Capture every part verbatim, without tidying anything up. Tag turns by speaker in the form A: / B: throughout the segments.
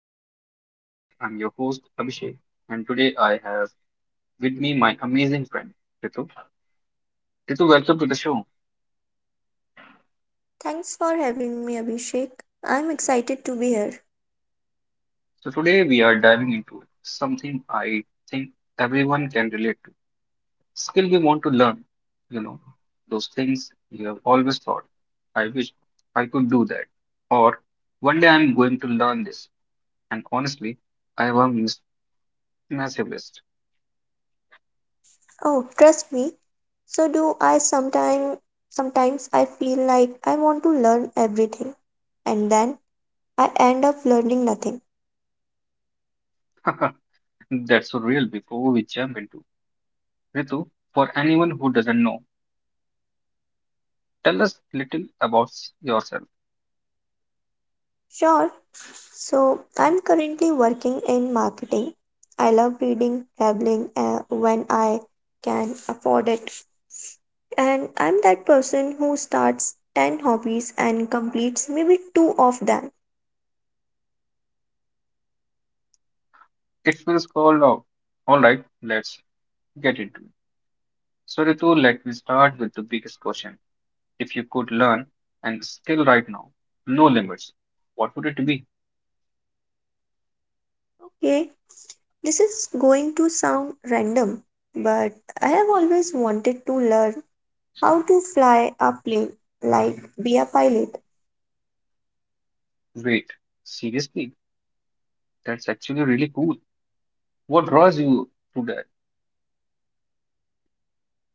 A: back to another podcast. I'm your host Abhishek, and today I have with me my amazing friend Ritu. Ritu, welcome to the show.
B: Thanks for having me, Abhishek. I'm excited to be here.
A: So today we are diving into something I think everyone can relate to. Skill we want to learn, you know, those things you have always thought, I wish I could do that, or one day I'm going to learn this. And honestly, I have a mis- massive list.
B: Oh, trust me. So do I sometime sometimes I feel like I want to learn everything, and then I end up learning nothing.
A: That's so real. Before we jump into Ritu, for anyone who doesn't know. Tell us little about yourself.
B: Sure. So I'm currently working in marketing. I love reading, traveling uh, when I can afford it. And I'm that person who starts ten hobbies and completes maybe two of them.
A: It feels cold out. All right, let's get into it. So, Ritu, let me start with the biggest question. If you could learn and skill right now, no limits, what would it be?
B: Okay. This is going to sound random, but I have always wanted to learn how to fly a plane, like be a pilot.
A: Wait, seriously, that's actually really cool. What draws you to that?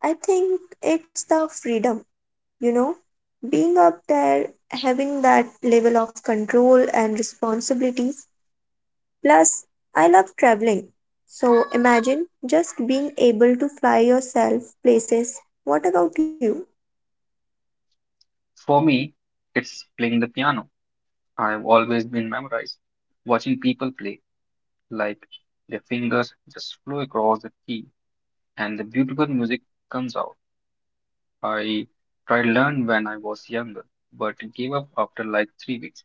B: I think it's the freedom, you know, being up there, having that level of control and responsibilities. Plus, I love traveling. So imagine just being able to fly yourself places. What about you?
A: For me, it's playing the piano. I've always been memorized. Watching people play, like their fingers just flow across the key and the beautiful music comes out. I tried learn when I was younger, but gave up after like three weeks.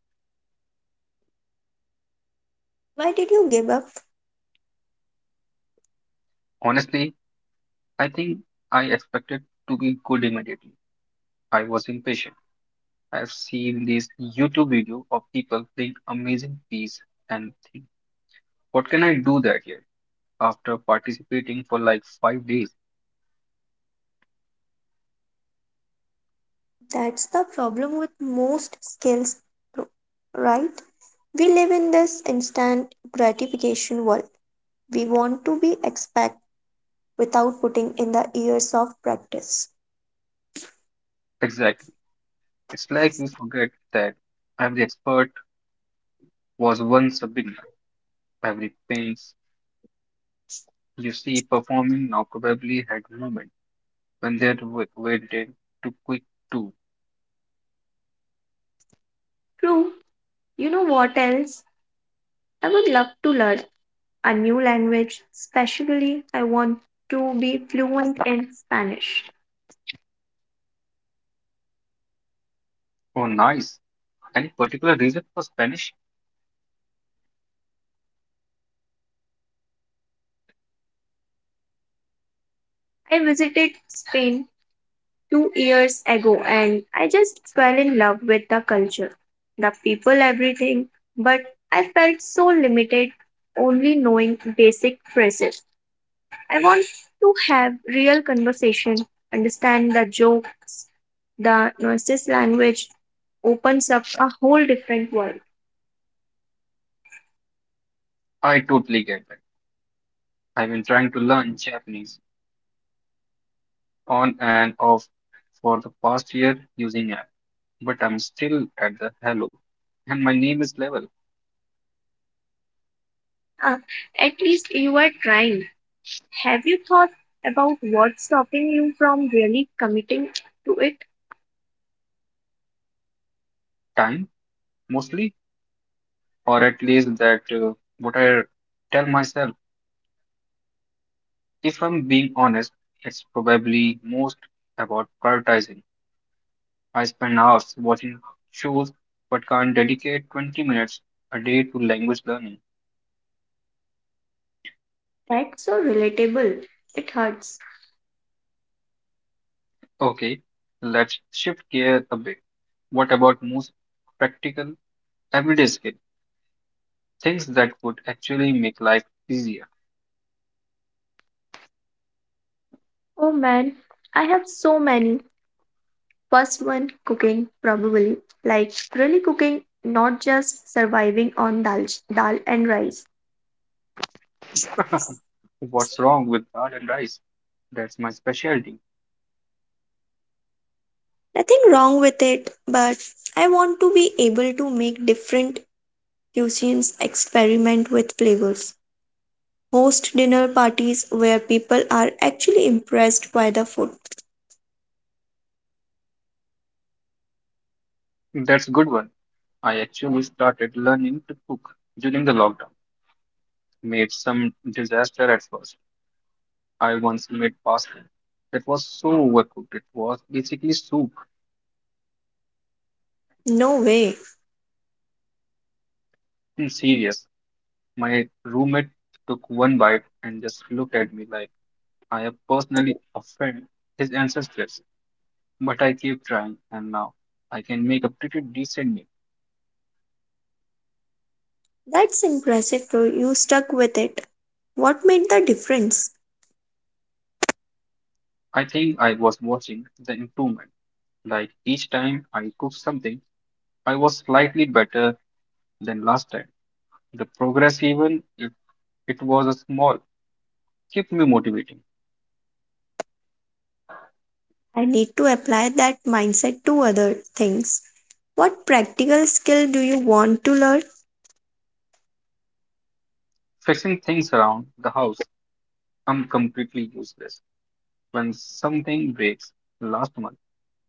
B: Why did you give up?
A: Honestly, I think I expected to be good immediately. I was impatient. I've seen these YouTube video of people playing amazing piece and think, what can I do that here? After participating for like five days.
B: That's the problem with most skills, right? We live in this instant gratification world. We want to be expect without putting in the years of practice.
A: Exactly. It's like we forget that every expert was once a beginner. Every paint you see performing now probably had moment when they are w- waited too quick too.
B: True. You know what else? I would love to learn a new language, especially I want to be fluent in Spanish.
A: Oh, nice. Any particular reason for Spanish?
B: I visited Spain two years ago, and I just fell in love with the culture, the people, everything, but I felt so limited only knowing basic phrases. I want to have real conversation, understand the jokes, the noises language opens up a whole different world.
A: I totally get that. I've been trying to learn Japanese on and off for the past year using app, but I'm still at the hello. And my name is level
B: Ah, at least you are trying. Have you thought about what's stopping you from really committing to it?
A: time mostly, or at least that uh, what I tell myself. If I'm being honest, it's probably most about prioritizing. I spend hours watching shows but can't dedicate twenty minutes a day to language learning.
B: That's so relatable. It hurts.
A: Okay, let's shift gear a bit. What about most practical everyday skill? Things that would actually make life easier.
B: Oh man, I have so many. First one, cooking, probably. Like, really cooking, not just surviving on dal, dal and rice.
A: What's wrong with dal and rice? That's my specialty.
B: Nothing wrong with it, but I want to be able to make different cuisines, experiment with flavors, host dinner parties where people are actually impressed by the food.
A: That's a good one. I actually started learning to cook during the lockdown. Made some disaster at first. I once made pasta that was so overcooked. It was basically soup.
B: No way.
A: I'm serious. My roommate took one bite and just looked at me like I have personally offended his ancestors. But I keep trying, and now I can make a pretty decent meal.
B: That's impressive, bro. You stuck with it. What made the difference?
A: I think I was watching the improvement. Like each time I cooked something, I was slightly better than last time. The progress, even if it was a small, kept me motivating.
B: I need to apply that mindset to other things. What practical skill do you want to learn?
A: Fixing things around the house, I'm completely useless. When something breaks, last month.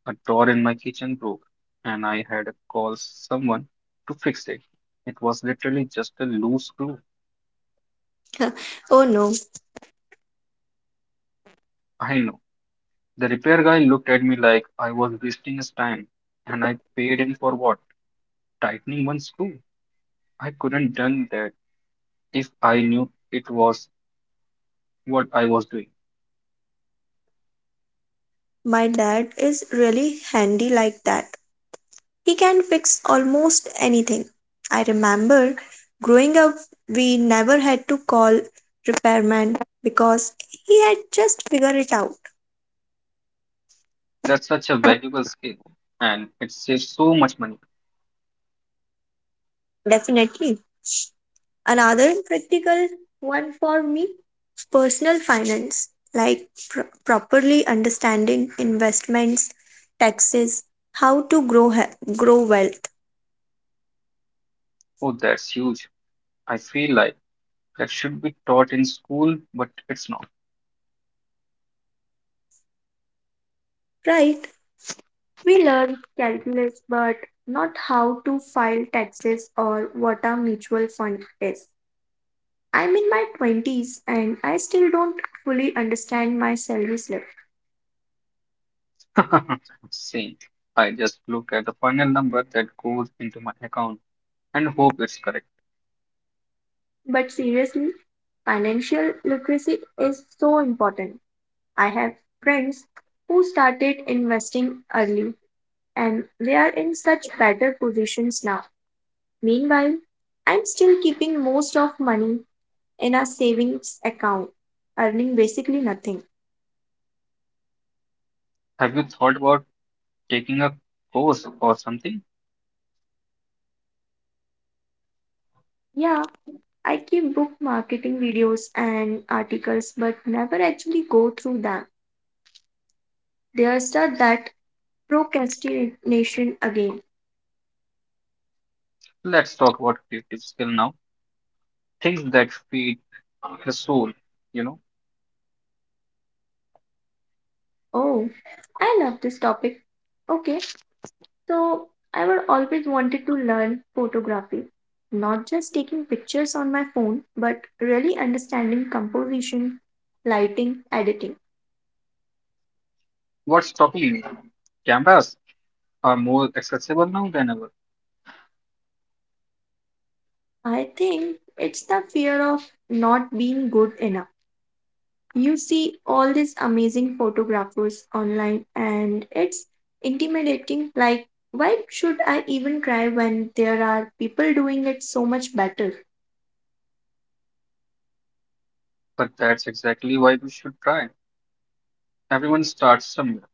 A: A drawer in my kitchen broke, and I had to call someone to fix it. It was literally just a loose screw.
B: Oh no.
A: I know. The repair guy looked at me like I was wasting his time, and I paid him for what? Tightening one screw. I couldn't done that if I knew it was what I was doing.
B: My dad is really handy like that. He can fix almost anything. I remember growing up, we never had to call repairman because he had just figured it out.
A: That's such a valuable skill, and it saves so much money.
B: Definitely. Another practical one for me, personal finance, like pr- properly understanding investments, taxes, how to grow, ha- grow wealth,
A: Oh, that's huge. I feel like that should be taught in school, but it's not.
B: right? We learn calculus, but not how to file taxes or what a mutual fund is. I'm in my twenties and I still don't fully understand my salary slip.
A: See, I just look at the final number that goes into my account and hope it's correct.
B: But seriously, financial literacy is so important. I have friends who started investing early, and they are in such better positions now. Meanwhile, I'm still keeping most of money in a savings account, earning basically nothing.
A: Have you thought about taking a course or something?
B: Yeah, I keep book marketing videos and articles but never actually go through them. There's a that procrastination again.
A: Let's talk about creative skill now. Things that feed the soul, you know.
B: Oh, I love this topic. Okay, so I would always wanted to learn photography, not just taking pictures on my phone, but really understanding composition, lighting, editing.
A: What's stopping you? Cameras are more accessible now than ever,
B: I think it's the fear of not being good enough. You see all these amazing photographers online, and it's intimidating. Like, why should I even try when there are people doing it so much better?
A: but that's exactly why we should try. Everyone starts somewhere.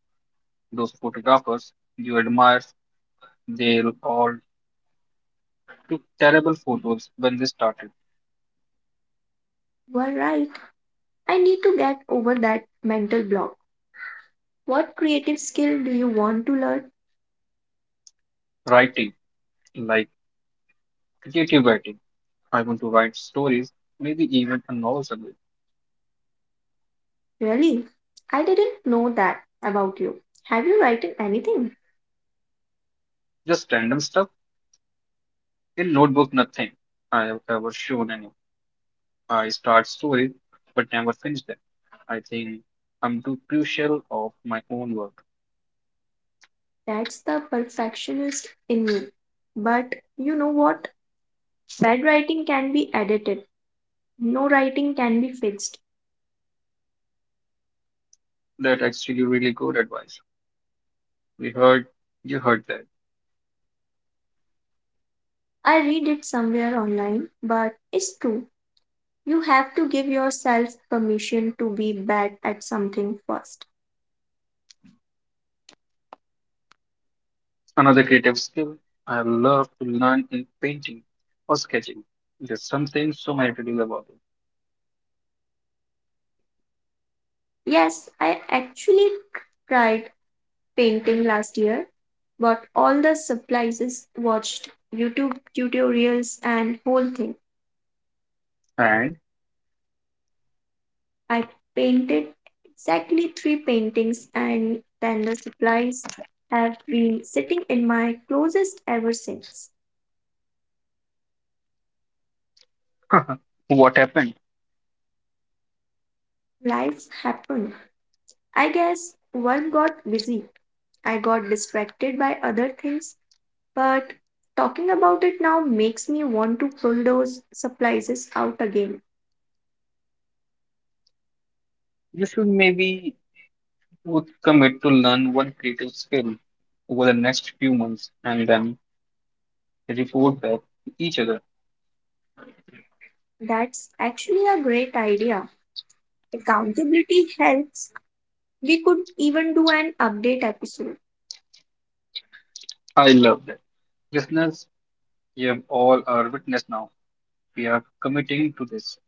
A: Those photographers you admire, they all took terrible photos when they started
B: You are right. I need to get over that mental block. What creative skill do you want to learn?
A: writing. Like Creative writing. I want to write stories, maybe even a novel someday.
B: Really? I didn't know that about you. Have you written anything?
A: Just random stuff. In notebook, nothing I have ever shown any. I start stories, but never finish them. I think I'm too crucial of my own work.
B: That's the perfectionist in me. But you know what? Bad writing can be edited. No writing can be fixed.
A: That actually really good advice. We heard, you heard that.
B: I read it somewhere online, but it's true. You have to give yourself permission to be bad at something first.
A: Another creative skill I love to learn in painting or sketching. There's something so meditative about it.
B: Yes, I actually tried painting last year, bought all the supplies, watched YouTube tutorials, and whole thing.
A: And
B: I painted exactly three paintings, and then the supplies have been sitting in my closest ever since.
A: what happened?
B: Life happened. I guess work got busy. I got distracted by other things, but talking about it now makes me want to pull those supplies out again.
A: You should maybe would commit to learn one creative skill over the next few months and then report back to each other.
B: That's actually a great idea. Accountability helps. We could even do an update episode.
A: I love that. Listeners, you have all are witness now. We are committing to this.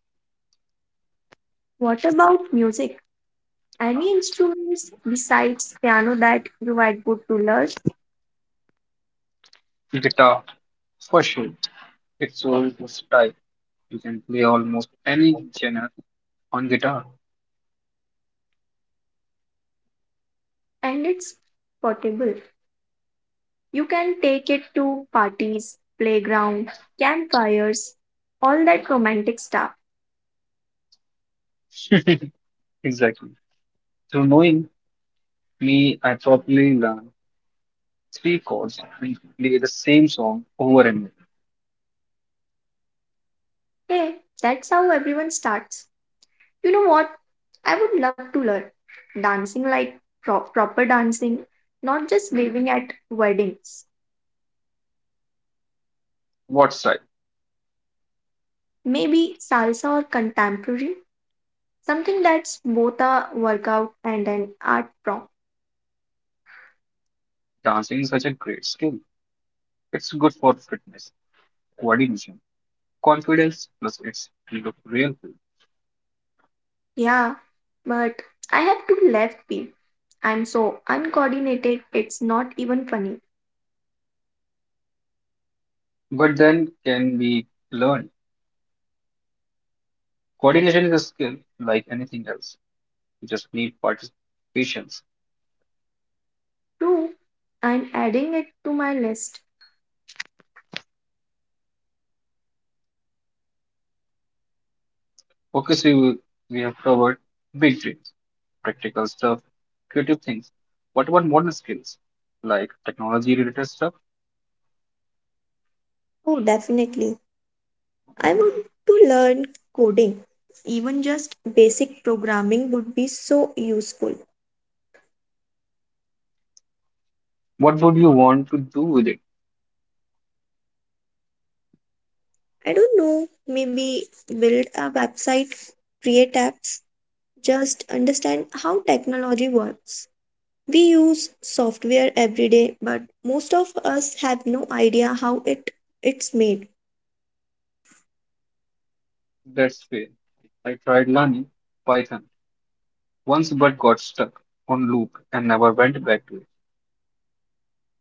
B: What about music? Any instruments besides piano that you are good to learn?
A: Guitar, for sure. It's so versatile. You can play almost any genre on guitar.
B: And it's portable. You can take it to parties, playground, campfires, all that romantic stuff.
A: exactly. Through knowing me, I probably learn three chords and play the same song over and over.
B: Hey, that's how everyone starts. You know what? I would love to learn dancing, like pro- proper dancing, not just waving at weddings.
A: What's right?
B: Maybe salsa or contemporary, something that's both a workout and an art form.
A: Dancing is such a great skill. It's good for fitness, coordination, confidence, plus it's look real cool.
B: Yeah, but I have two left feet. I'm so uncoordinated, it's not even funny.
A: But then can be learned. Coordination is a skill like anything else. You just need participation.
B: True, I'm adding it to my list.
A: Focus we will- we have covered big dreams, practical stuff, creative things. What about modern skills? Like technology related stuff?
B: Oh, definitely. I want to learn coding. Even just basic programming would be so useful.
A: What would you want to do with it?
B: I don't know, maybe build a website, create apps, just understand how technology works. We use software every day, but most of us have no idea how it it's made.
A: That's fair. I tried learning Python once but got stuck on loop and never went back to it.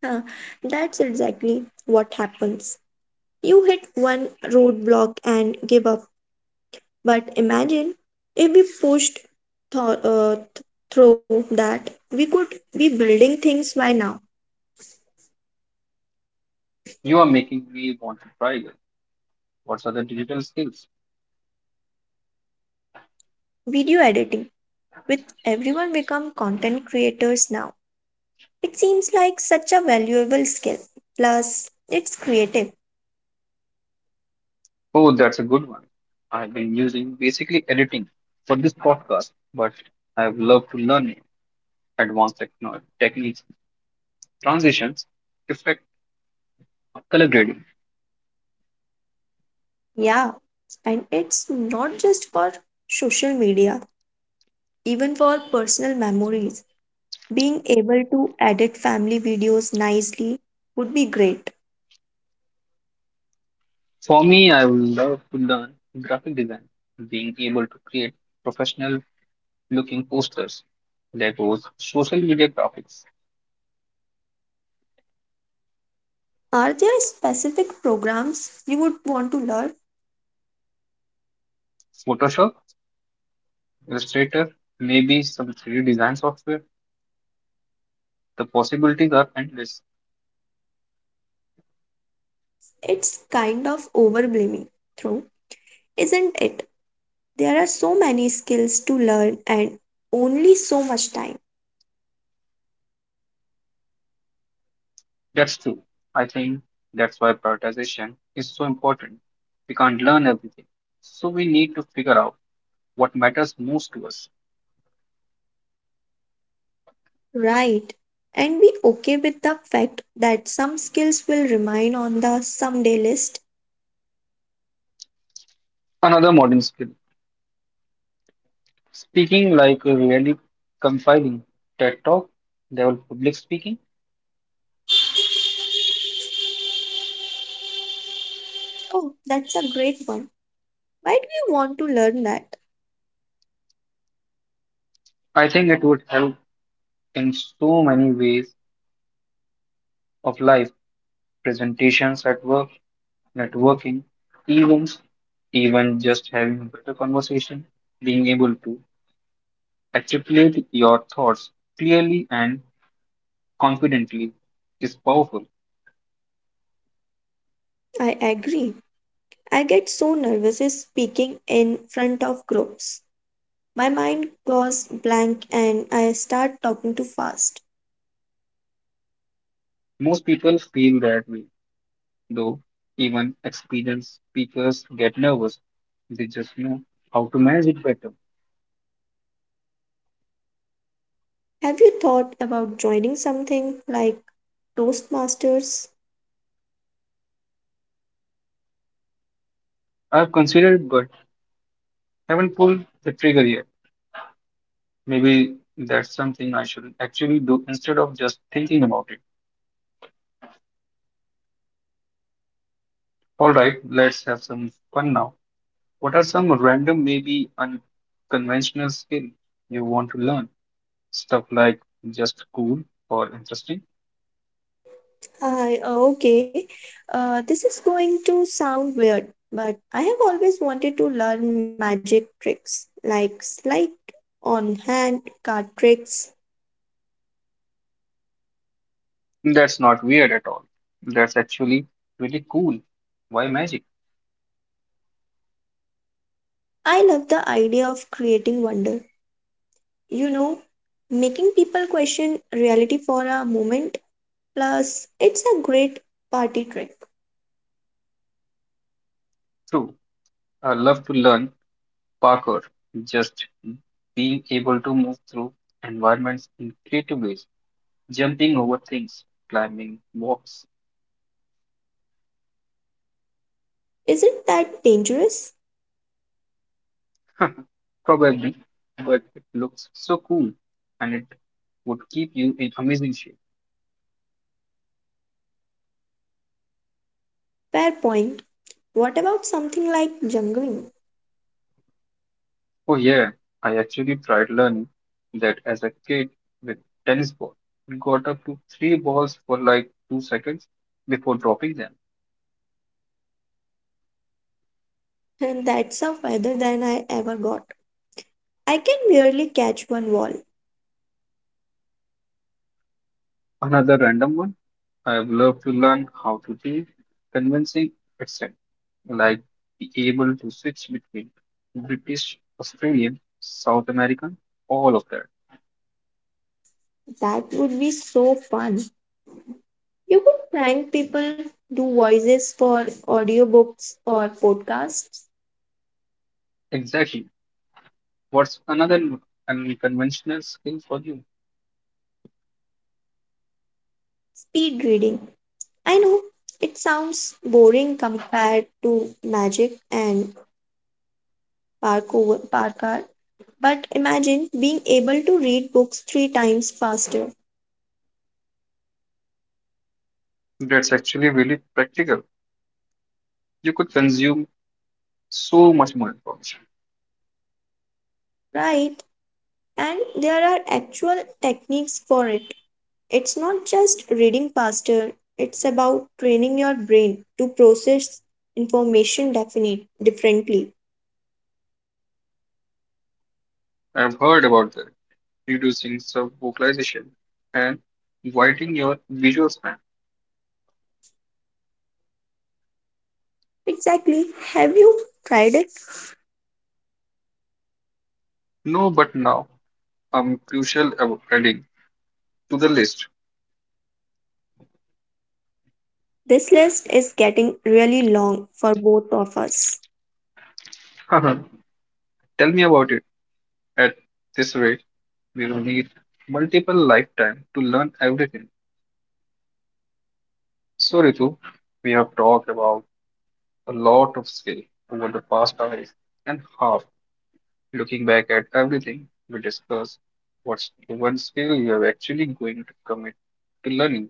B: Huh, that's exactly what happens. You hit one roadblock and give up. But imagine if we pushed th- uh, th- through that, we could be building things by now.
A: You are making me want to try it. What are the digital skills?
B: Video editing, with everyone become content creators now, it seems like such a valuable skill. Plus, it's creative.
A: Oh, that's a good one. I've been using basically editing for this podcast, but I've loved to learn advanced techno- techniques, transitions, effect, color grading.
B: Yeah, and it's not just for social media, even for personal memories. Being able to edit family videos nicely would be great.
A: For me, I would love to learn graphic design, being able to create professional looking posters, Legos, social media graphics,
B: Are there specific programs you would want to learn?
A: Photoshop, Illustrator, maybe some three D design software. The possibilities are endless.
B: It's kind of overwhelming, though, isn't it? There are so many skills to learn and only so much time.
A: That's true. I think that's why prioritization is so important. We can't learn everything, so we need to figure out what matters most to us.
B: Right. And be okay with the fact that some skills will remain on the someday list.
A: Another modern skill speaking like a really compiling TED Talk, level public speaking.
B: Oh, that's a great one. Why do you want to learn that?
A: I think it would help in so many ways of life presentations at work, networking, events, even just having a better conversation, being able to articulate your thoughts clearly and confidently is powerful.
B: I agree. I get so nervous is speaking in front of groups. My mind goes blank and I start talking too fast.
A: Most people feel that way, though even experienced speakers get nervous. They just know how to manage it better.
B: Have you thought about joining something like Toastmasters?
A: I've considered but haven't pulled the trigger yet. Maybe that's something I should actually do instead of just thinking about it. Alright, let's have some fun now. What are some random, maybe unconventional skills you want to learn? Stuff like just cool or interesting?
B: Hi, uh, okay. Uh, this is going to sound weird, but I have always wanted to learn magic tricks, like slide on hand, card tricks.
A: That's not weird at all. That's actually really cool. Why magic?
B: I love the idea of creating wonder. You know, making people question reality for a moment. Plus, it's a great party trick.
A: True. I love to learn parkour. Just being able to move through environments in creative ways, jumping over things, climbing walls,
B: Isn't that dangerous?
A: probably, but it looks so cool and it would keep you in amazing shape.
B: Fair point. What about something like jungling?
A: Oh yeah, I actually tried learning that as a kid with tennis ball. Got up to three balls for like two seconds before dropping them.
B: And that's a feather than I ever got. I can barely catch one wall.
A: Another random one. I have loved to learn how to be convincing accent, like be able to switch between British, Australian, South American, all of that.
B: That would be so fun. You could prank people, do voices for audiobooks or podcasts,
A: Exactly. What's another n- unconventional skill for you?
B: speed reading. I know it sounds boring compared to magic and parkour, parkour, but imagine being able to read books three times faster,
A: That's actually really practical. You could consume so much more information.
B: right? And there are actual techniques for it. It's not just reading faster, it's about training your brain to process information definite differently.
A: I've heard about that. Reducing subvocalization and widening your visual span.
B: Exactly. Have you tried it?
A: No, but now I'm crucial ab- adding to the list.
B: This list is getting really long for both of us.
A: Tell me about it. At this rate, we will need multiple lifetime to learn everything. So Ritu, we have talked about a lot of skill over the past hours and half looking back at everything we discussed. What's the one skill you are actually going to commit to learning?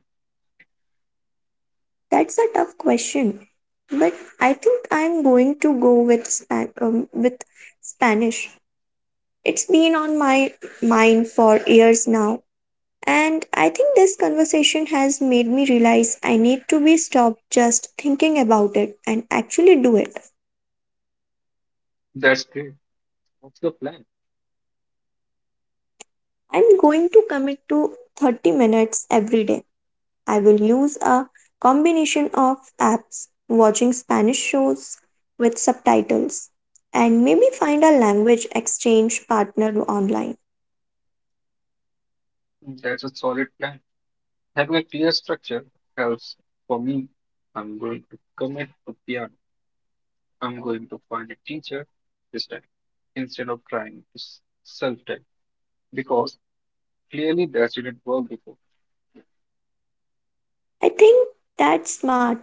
B: That's a tough question, but I think I'm going to go with span um, with Spanish. It's been on my mind for years now. And I think this conversation has made me realize I need to be stopped just thinking about it and actually do it.
A: That's great. What's the plan?
B: I'm going to commit to thirty minutes every day. I will use a combination of apps, watching Spanish shows with subtitles, and maybe find a language exchange partner online.
A: That's a solid plan. Having a clear structure helps. For me, I'm going to commit to piano. I'm going to find a teacher this time instead of trying to self taught because clearly that didn't work before.
B: I think that's smart.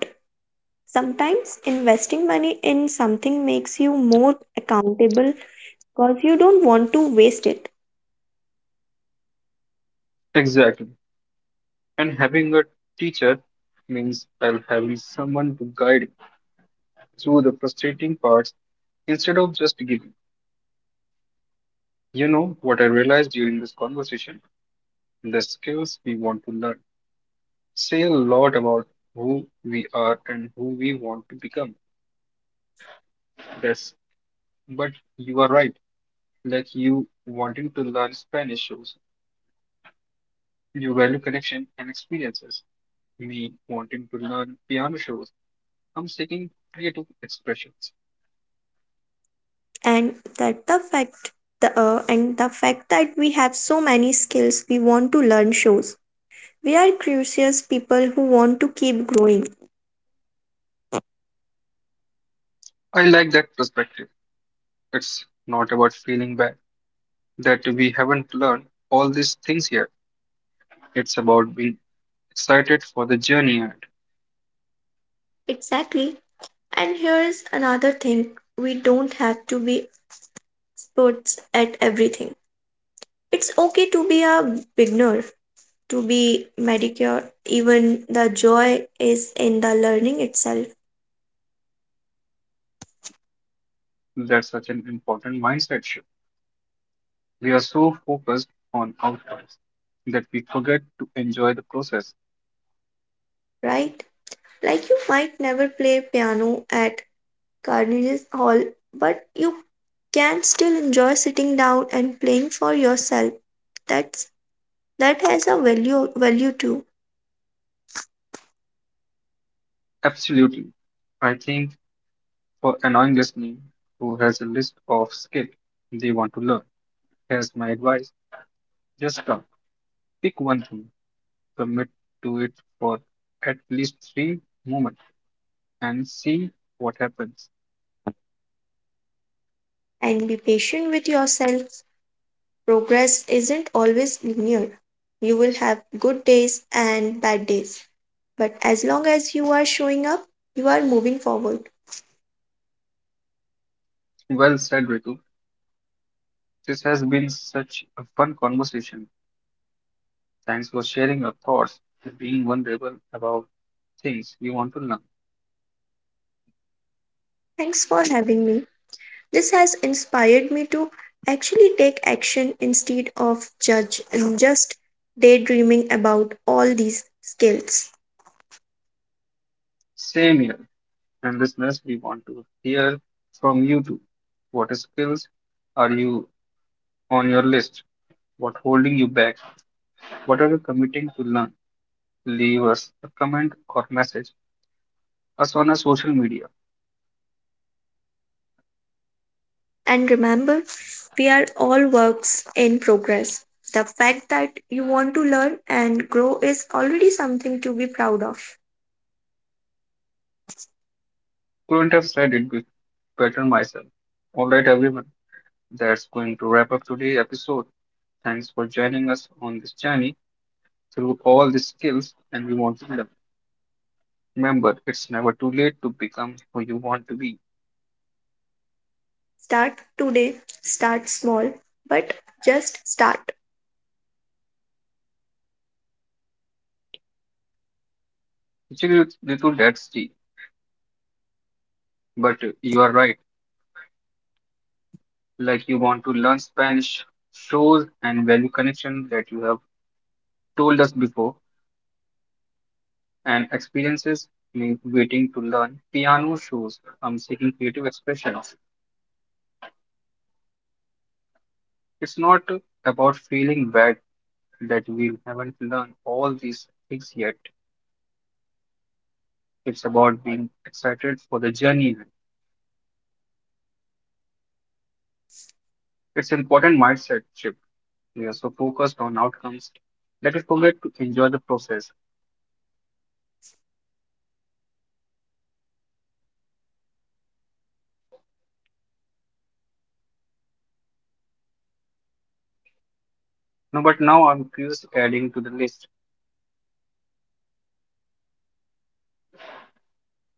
B: Sometimes investing money in something makes you more accountable because you don't want to waste it.
A: Exactly. And having a teacher means I'll having someone to guide me through the frustrating parts instead of just giving. You know what I realized during this conversation? The skills we want to learn say a lot about who we are and who we want to become. Yes, but you are right. Like you wanting to learn Spanish shows, you value connection and experiences. Me wanting to learn piano shows, I'm seeking creative expressions.
B: And that the fact the uh, and the fact that we have so many skills we want to learn shows we are curious people who want to keep growing.
A: I like that perspective. It's not about feeling bad that we haven't learned all these things yet. It's about being excited for the journey ahead.
B: Exactly. And here's another thing, we don't have to be experts at everything. It's okay to be a beginner, to be mediocre. Even the joy is in the learning itself.
A: That's such an important mindset shift. We are so focused on outcomes that we forget to enjoy the process.
B: Right. Like you might never play piano at carnival hall, but you can still enjoy sitting down and playing for yourself. That's that has a value value too.
A: Absolutely. I think for anyone listening who has a list of skills they want to learn, here's my advice. Just come, pick one thing, commit to it for at least three moments and see what happens.
B: And be patient with yourself. Progress isn't always linear. You will have good days and bad days. But as long as you are showing up, you are moving forward.
A: Well said, Ritu. This has been such a fun conversation. Thanks for sharing your thoughts and being vulnerable about things you want to learn.
B: Thanks for having me. This has inspired me to actually take action instead of judge and just daydreaming about all these skills.
A: Same here. And listeners, we want to hear from you too. What skills are you on your list? What holding you back? What are you committing to learn? Leave us a comment or message us on our social media.
B: And remember, we are all works in progress. The fact that you want to learn and grow is already something to be proud of.
A: Couldn't have said it be- better myself. All right, everyone, that's going to wrap up today's episode. Thanks for joining us on this journey through all the skills and we want to learn. Remember, it's never too late to become who you want to be.
B: Start today, start small, but just start.
A: Actually, it's little that's tea, but uh, you are right. like you want to learn Spanish, shows and value connection that you have told us before, and experiences mean waiting to learn piano shows um, seeking creative expression. It's not about feeling bad that we haven't learned all these things yet. It's about being excited for the journey ahead. It's an important mindset shift. We are so focused on outcomes that we forget to enjoy the process. No, but now I'm curious adding to the list,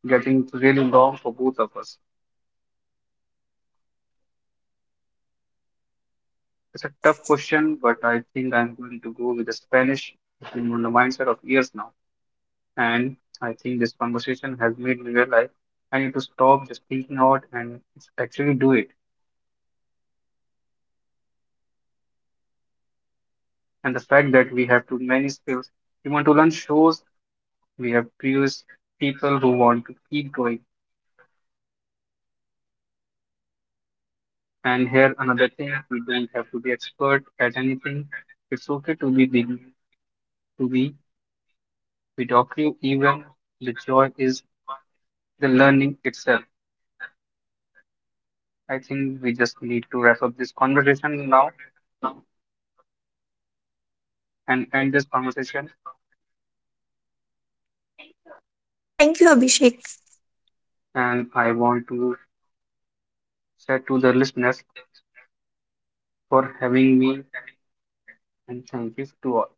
A: getting really long for both of us. It's a tough question, but I think I'm going to go with the Spanish. It's been on the mindset of years now. And I think this conversation has made me realize I need to stop just thinking out and actually do it. And the fact that we have too many skills, we want to learn shows, we have previous people who want to keep going. And here another thing, we don't have to be expert at anything. It's okay to be beginning, to be mediocre even. The joy is the learning itself. I think we just need to wrap up this conversation now and end this conversation.
B: Thank you, Abhishek.
A: And I want to say to the listeners for having me and thank you to all.